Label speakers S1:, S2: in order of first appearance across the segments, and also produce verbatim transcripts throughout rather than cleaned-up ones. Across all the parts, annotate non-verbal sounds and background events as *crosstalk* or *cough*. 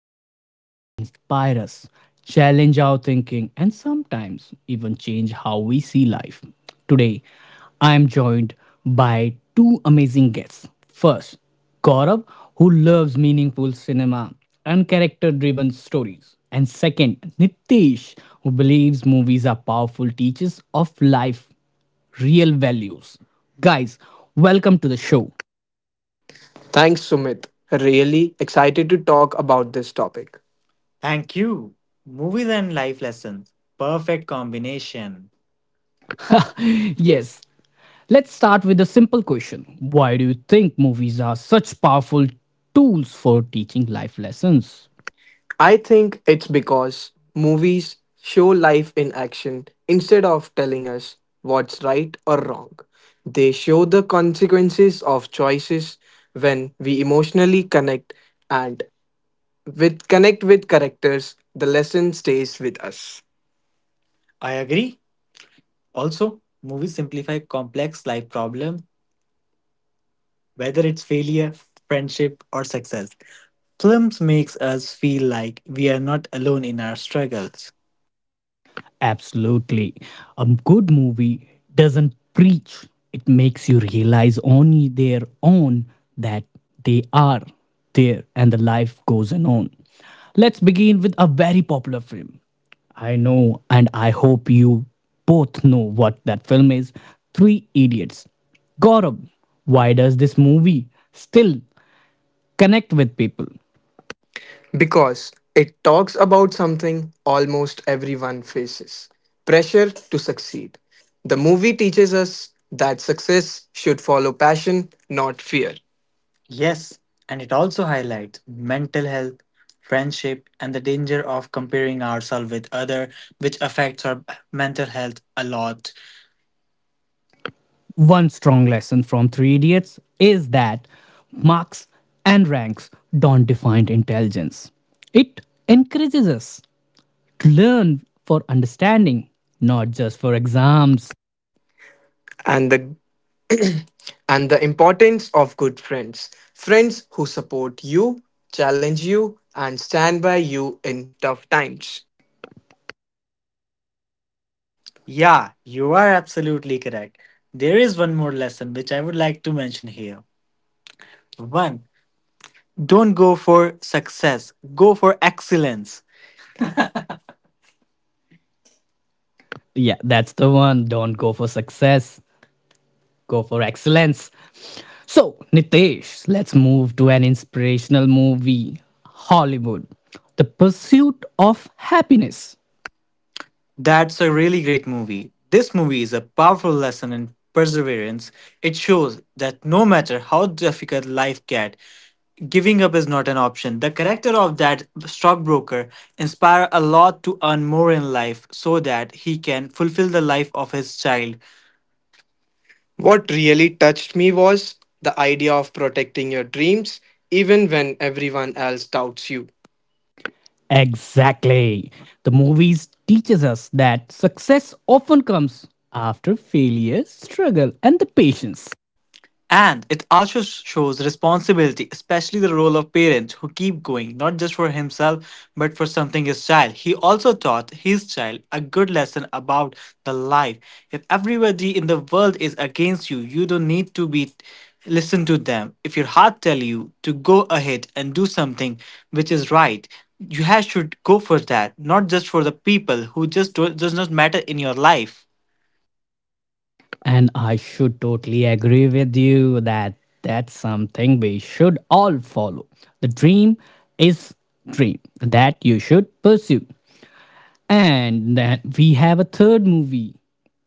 S1: entertainment, they inspire us, challenge our thinking, and sometimes even change how we see life. Today, I am joined by two amazing guests. First, Gaurav, who loves meaningful cinema and character driven stories. And second, Nitish, who believes movies are powerful teachers of life real values. Guys, welcome to the show.
S2: Thanks, Sumit. Really excited to talk about this topic. Thank you. Movies and life lessons. Perfect combination.
S1: *laughs*
S2: Yes.
S1: Yes, let's start with a simple question. Why do you think movies are such powerful tools for teaching life lessons?
S2: I think it's because movies show life in action instead of telling us what's right or wrong. They show the consequences of choices when we emotionally connect and with connect with characters, the lesson stays with us. I agree. Also, movies simplify complex life problems, whether it's failure, friendship, or success. Films makes us feel like we are not alone in our struggles.
S1: Absolutely. A good movie doesn't preach, it makes you realize on their own that they are there and the life goes on. Let's begin with a very popular film. I know and I hope you both know what that film is. Three Idiots. Gaurav, why does this movie still connect with people?
S2: Because it talks about something almost everyone faces pressure to succeed. The movie teaches us that success should follow passion, not fear. Yes, and it also highlights mental health, friendship, and the danger of comparing ourselves with other, which affects our mental health a lot.
S1: One strong lesson from Three Idiots is that marks and ranks don't define intelligence. It encourages us to learn for understanding, not just for exams.
S2: And the *clears throat* and the importance of good friends, friends who support you, challenge you, and stand by you in tough times. Yeah, you are absolutely correct. There is one more lesson which I would like to mention here. One, don't go for success, go for excellence.
S1: Yeah, that's the one. Don't go for success, go for excellence. So, Nitesh, let's move to an inspirational movie Hollywood, The Pursuit of Happiness.
S2: That's a really great movie. This movie is a powerful lesson in perseverance. It shows that no matter how difficult life gets, giving up is not an option. The character of that stockbroker inspires a lot to earn more in life so that he can fulfill the life of his child. What really touched me was the idea of protecting your dreams even when everyone else doubts you.
S1: Exactly. The movies teaches us that success often comes after failure, struggle and the patience.
S2: And it also shows responsibility, especially the role of parents who keep going, not just for himself, but for something his child. He also taught his child a good lesson about the life. If everybody in the world is against you, you don't need to be listen to them. If your heart tell you to go ahead and do something which is right, you have should go for that, not just for the people who just do, does not matter in your life.
S1: And I should totally agree with you that that's something we should all follow. The dream is dream that you should pursue. And then we have a third movie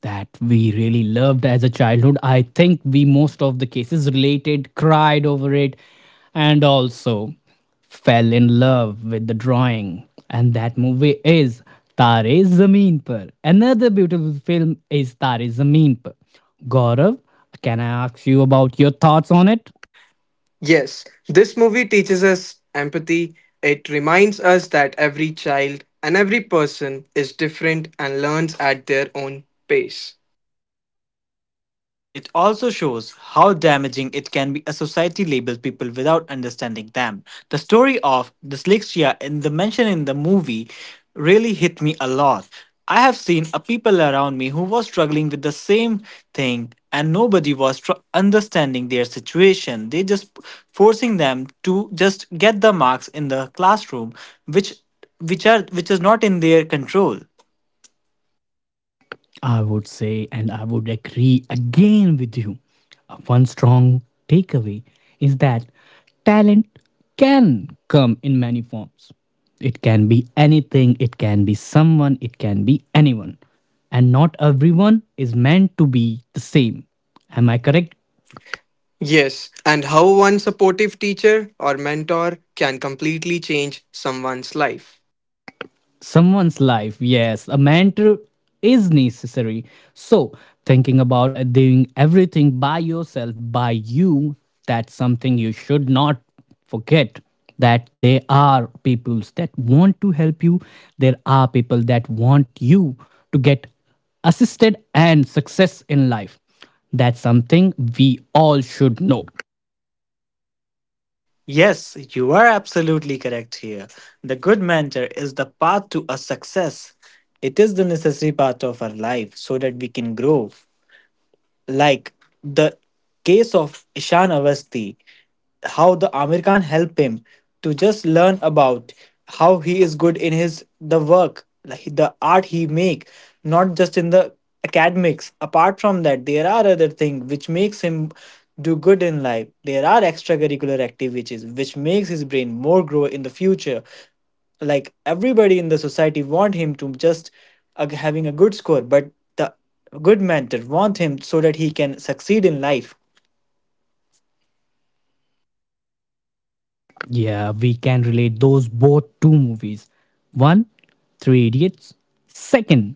S1: that we really loved as a childhood. I think we most of the cases related, cried over it, and also fell in love with the drawing. And that movie is Tare Zameen Par. Another beautiful film is Tare Zameen Par. Gaurav, can I ask you about your thoughts on it?
S2: Yes, this movie teaches us empathy. It reminds us that every child and every person is different and learns at their own pace. It also shows how damaging it can be a society labels people without understanding them. The story of dyslexia in the mention in the movie really hit me a lot. I have seen a people around me who was struggling with the same thing and nobody was tr- understanding their situation. They just forcing them to just get the marks in the classroom which which are which is not in their control.
S1: I would say, and I would agree again with you. Uh, One strong takeaway is that talent can come in many forms. It can be anything, it can be someone, it can be anyone. And not everyone is meant to be the same. Am I correct?
S2: Yes, and how one supportive teacher or mentor can completely change someone's life.
S1: Someone's life, yes, a mentor is necessary. So thinking about uh, doing everything by yourself by you, that's something you should not forget, that there are peoples that want to help you, there are people that want you to get assisted and success in life. That's something we all should know.
S2: Yes, you are absolutely correct here. The good mentor is the path to a success. It is the necessary part of our life so that we can grow, like the case of Ishan Avasti, how the Amir Khan helped him to just learn about how he is good in his the work, like the art he make, not just in the academics. Apart from that, there are other things which makes him do good in life. There are extracurricular activities which makes his brain more grow in the future, like everybody in the society want him to just uh, having a good score, but the good mentor want him so that he can succeed in life.
S1: Yeah, we can relate those both two movies. One, Three Idiots. Second,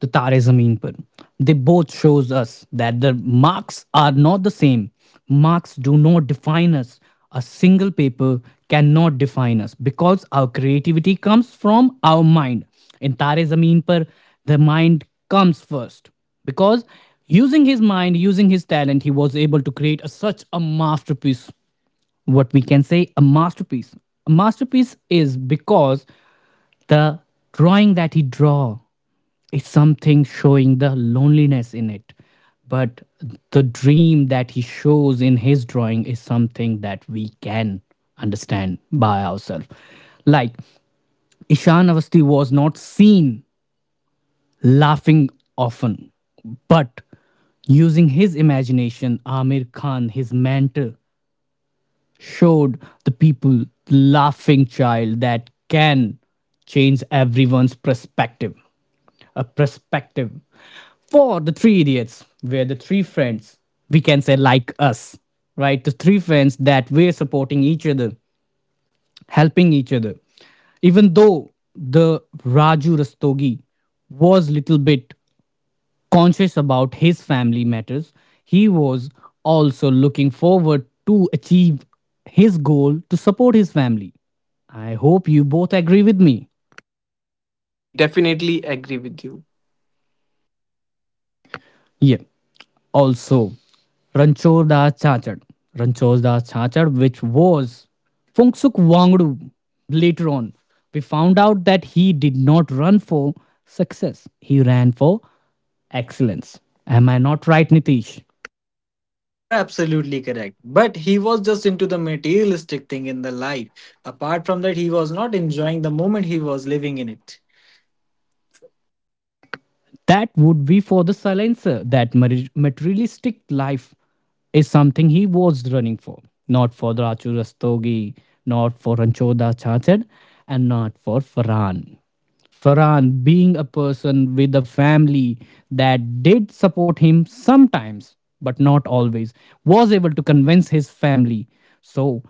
S1: The Tare Zameen Par. They both shows us that the marks are not the same. Marks do not define us. A single paper cannot define us because our creativity comes from our mind. In Tare Zameen Par, the mind comes first because using his mind, using his talent, he was able to create a, such a masterpiece, what we can say a masterpiece. A masterpiece is because the drawing that he draw is something showing the loneliness in it, but the dream that he shows in his drawing is something that we can understand by ourselves. Like Ishan Avasti was not seen laughing often, but using his imagination, Amir Khan, his mentor, showed the people the laughing child that can change everyone's perspective. A perspective for the three idiots, where the three friends, we can say like us, right? The three friends that we're supporting each other, helping each other. Even though the Raju Rastogi was little bit conscious about his family matters, he was also looking forward to achieve his goal to support his family. I hope you both agree with me.
S2: Yes, we definitely agree with you.
S1: Yeah. Also, Ranchor Das Chachad. Ranchor Das Chachad, which was Fungsuk Wangdu later on. We found out that he did not run for success. He ran for excellence. Am I not right, Nitish?
S2: Yes, you are absolutely correct. But he was just into the materialistic thing in the life. Apart from that, he was not enjoying the moment he was living in it.
S1: That would be for the silencer. That mari- materialistic life is something he was running for, not for the Raju Rastogi, not for Ranchoda Chachad, and not for Farhan. Farhan, being a person with a family that did support him sometimes, but not always, was able to convince his family. So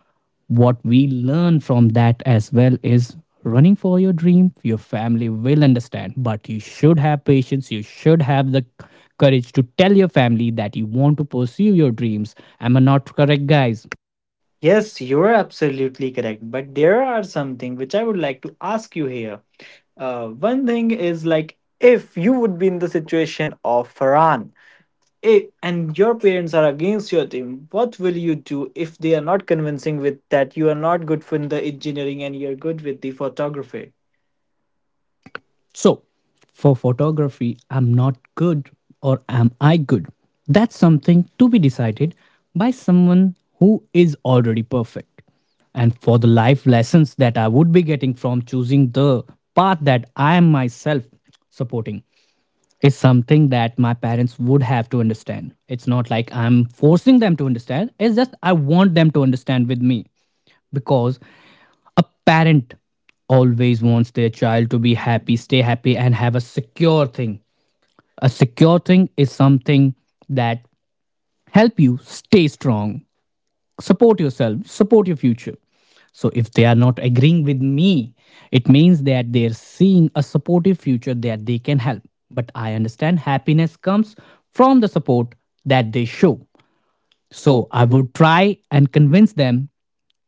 S1: what we learn from that as well is running for your dream, your family will understand, but you should have patience, you should have the courage to tell your family that you want to pursue your dreams. Am I not correct, guys?
S2: Yes, you're absolutely correct. But there are something which I would like to ask you here. Uh, one thing is like if you would be in the situation of Farhan, eh, and your parents are against your team, what will you do if they are not convincing with that you are not good for the engineering and you're good with the photography?
S1: So, for photography, I'm not good or am I good? That's something to be decided by someone who is already perfect. And for the life lessons that I would be getting from choosing the path that I am myself supporting, is something that my parents would have to understand. It's not like I'm forcing them to understand, it's just I want them to understand with me because a parent always wants their child to be happy, stay happy, and have a secure thing. A secure thing is something that help you stay strong, support yourself, support your future. So if they are not agreeing with me, it means that they're seeing a supportive future that they can help, but I understand happiness comes from the support that they show. So
S2: So I
S1: I
S2: would.
S1: would try and convince them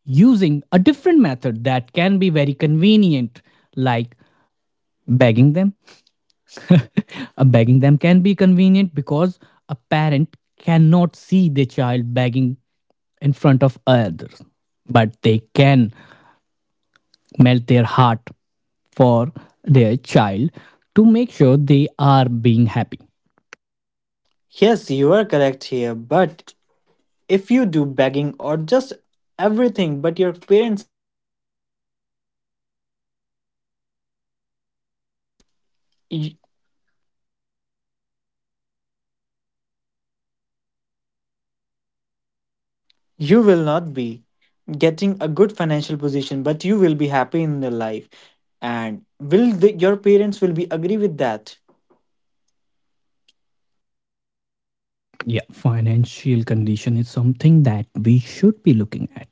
S1: using a different method that can be very convenient, like begging them. *laughs* Uh, begging them can be convenient because a parent cannot see their child begging in front of others, but they can melt their heart for their child to make sure they are being happy.
S2: Yes, you are correct here. But if you do begging or just everything, but your parents
S3: y- you will not be getting a good financial position, but you will be happy in your life, and will the, your parents will be agree with that.
S1: Yeah, financial condition is something that we should be looking at.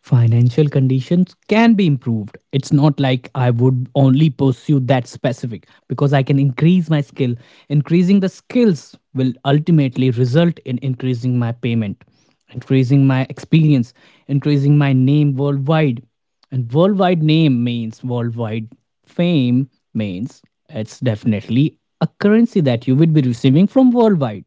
S1: Financial conditions can be improved. It's not like I would only pursue that specific because I can increase my skill. Increasing the skills will ultimately result in increasing my payment, increasing my experience, increasing my name worldwide. And worldwide name means worldwide fame means it's definitely a currency that you would be receiving from worldwide,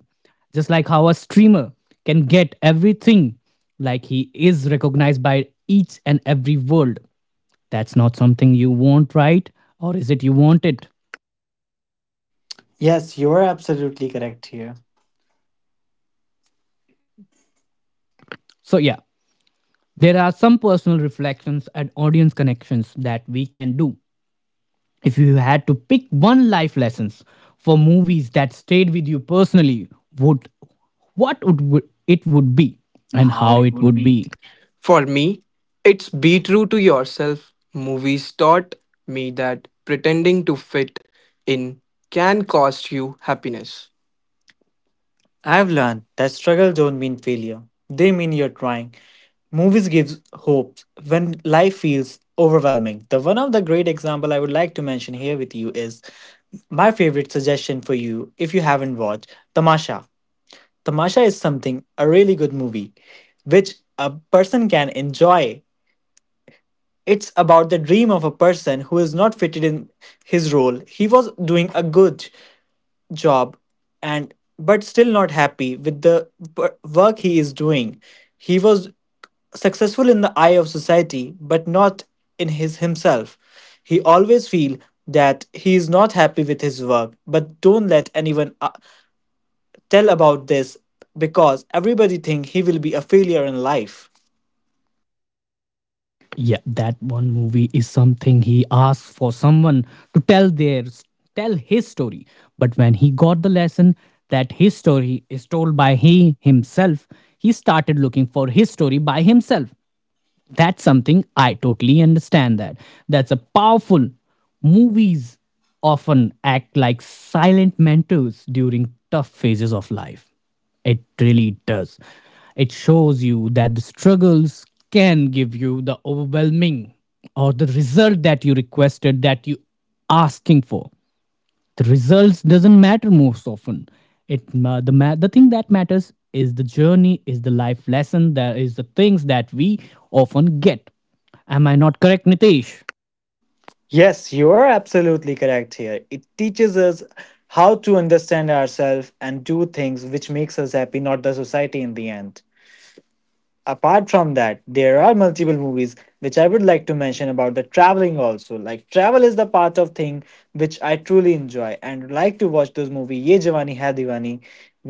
S1: just like how a streamer can get everything, like he is recognized by each and every world. That's not something you want, right? Or is it you want it?
S3: Yes, you are absolutely correct here.
S1: So, yeah, there are some personal reflections and audience connections that we can do. If you had to pick one life lessons for movies that stayed with you personally, would what would it would be and
S3: And
S1: how
S3: how
S1: it
S3: it
S1: would
S3: would
S1: be?
S3: be. For me, it's be true to yourself. Movies taught me that pretending to fit in can cost you happiness. I've learned that struggles don't mean failure. They mean you're trying. Movies gives hope when life feels overwhelming. The one of the great example I would like to mention here with you is my favorite suggestion for you if you haven't watched Tamasha. Tamasha is something a really good movie which a person can enjoy. It's about the dream of a person who is not fitted in his role. He was doing a good job and but still not happy with the wor- work he is doing. He was successful in the eye of society but not in his himself. He always feel that he is not happy with his work but don't let anyone uh, tell about this because everybody think he will be a failure in life.
S1: Yeah, that one movie is something he asked for someone to tell their tell his story, but when he got the lesson that his story is told by he himself, he started looking for his story by himself. That's something I totally understand. That that's a powerful movies often act like silent mentors during tough phases of life. It really does. It shows you that the struggles can give you the overwhelming or the result that you requested, that you asking for. The results doesn't matter most often. It uh, the ma- the thing that matters is the journey, is the life lesson, that is the things that we often get. Am I not correct, Nitesh?
S3: Yes, you are absolutely correct here. It teaches us how to understand ourselves and do things which makes us happy, not the society in the end. Apart from that there are multiple movies which I would like to mention about the traveling also, like travel is the part of thing which I truly enjoy and like to watch those movie ye jawani hai diwani,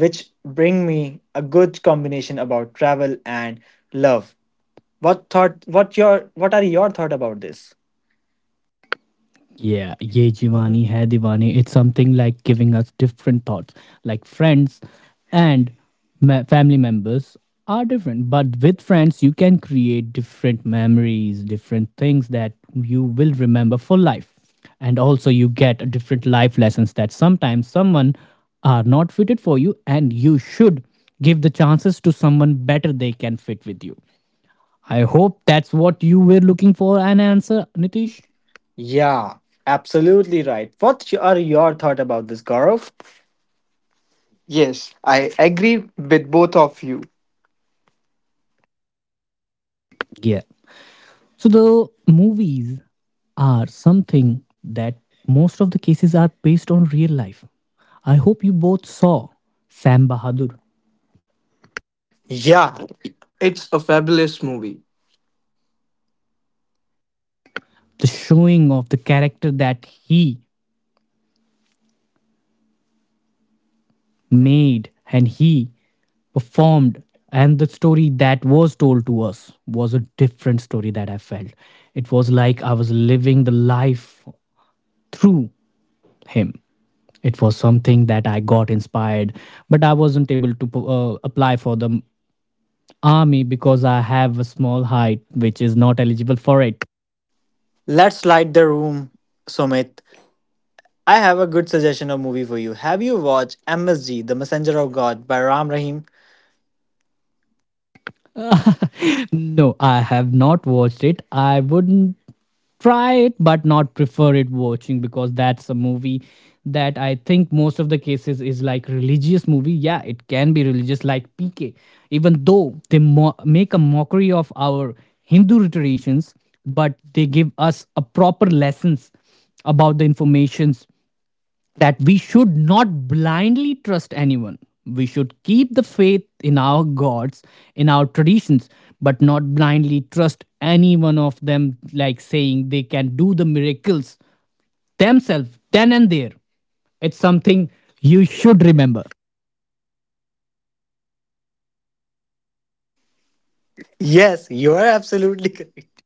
S3: which bring me a good combination about travel and love. What thought what your what are your thought about this?
S1: Yeah, ye Jivani hai Diwani. It's something like giving us different thoughts. Like friends and ma- family members are different, but with friends, you can create different memories, different things that you will remember for life. And also, you get different life lessons that sometimes someone are not fitted for you, and you should give the chances to someone better they can fit with you. I hope that's what you were looking for an answer, Nitish.
S3: Yeah, absolutely right. What are your thought about this, Gaurav?
S1: Yeah. So the movies are something that most of the cases are based on real life. I hope you both saw Sam Bahadur,
S3: Yeah, it's a fabulous movie.
S1: the showing of the character that he made and he performed and the story that was told to us was a different story that I felt. It was like I was living the life through him. It was something that I got inspired, but I wasn't able to uh, apply for the army because I have a small height, which is not eligible for it.
S3: Let's light the room, Sumit. I have a good suggestion of movie for you. Have you watched M S G, The Messenger of God by Ram Rahim?
S1: *laughs* No, I have not watched it. I wouldn't try it, but not prefer it watching because that's a movie that I think most of the cases is like religious movie. Yeah, it can be religious, like P K. Even though they mo- make a mockery of our Hindu traditions, but they give us a proper lessons about the informations that we should not blindly trust anyone. We should keep the faith in our gods, in our traditions, but not blindly trust any one of them, like saying they can do the miracles themselves then and there. It's something you should remember.
S3: Yes, you are absolutely correct.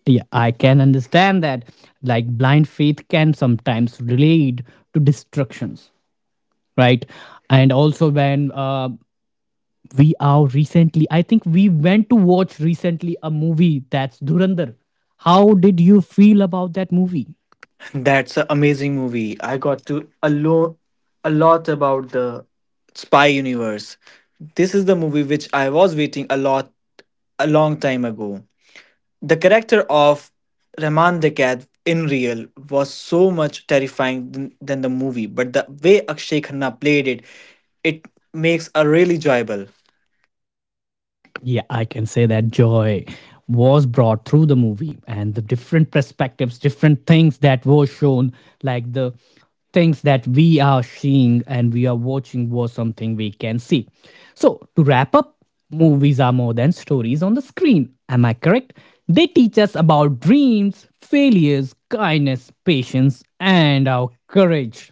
S1: Yeah, I can understand that. Like blind faith can sometimes lead to destructions, right? And also when uh, we are recently, I think we went to watch recently a movie, that's Durandar. How did you feel about that movie?
S3: *laughs* That's an amazing movie. I got to a, lo- a lot about the spy universe. This is the movie which I was waiting a lot a long time ago. The character of Rahman Dekat in real was so much terrifying than, than the movie, but the way Akshay Khanna played it, it makes a really enjoyable.
S1: Yeah, I can say that joy was brought through the movie and the different perspectives, different things that were shown, like the things that we are seeing and we are watching was something we can see. So, to wrap up, movies are more than stories on the screen. Am I correct? They teach us about dreams, failures, kindness, patience, and our courage.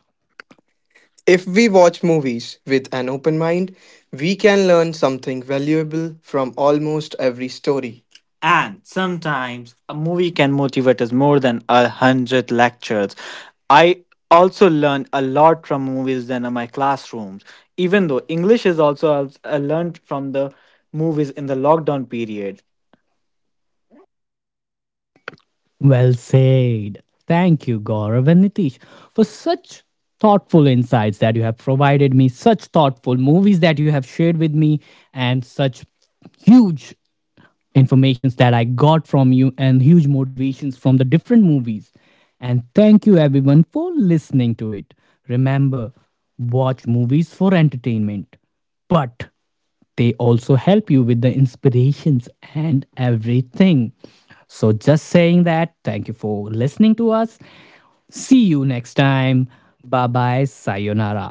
S3: If we watch movies with an open mind, we can learn something valuable from almost every story. And sometimes a movie can motivate us more than a hundred lectures. I also learned a lot from movies than in my classrooms. Even though English is also I learned from the movies in the lockdown period.
S1: Well said. Thank you, Gaurav and Nitish, for such thoughtful insights that you have provided me, such thoughtful movies that you have shared with me, and such huge informations that I got from you and huge motivations from the different movies. And thank you everyone for listening to it. Remember, watch movies for entertainment, but they also help you with the inspirations and everything. So, just saying that, thank you for listening to us. See you next time. Bye bye. Sayonara.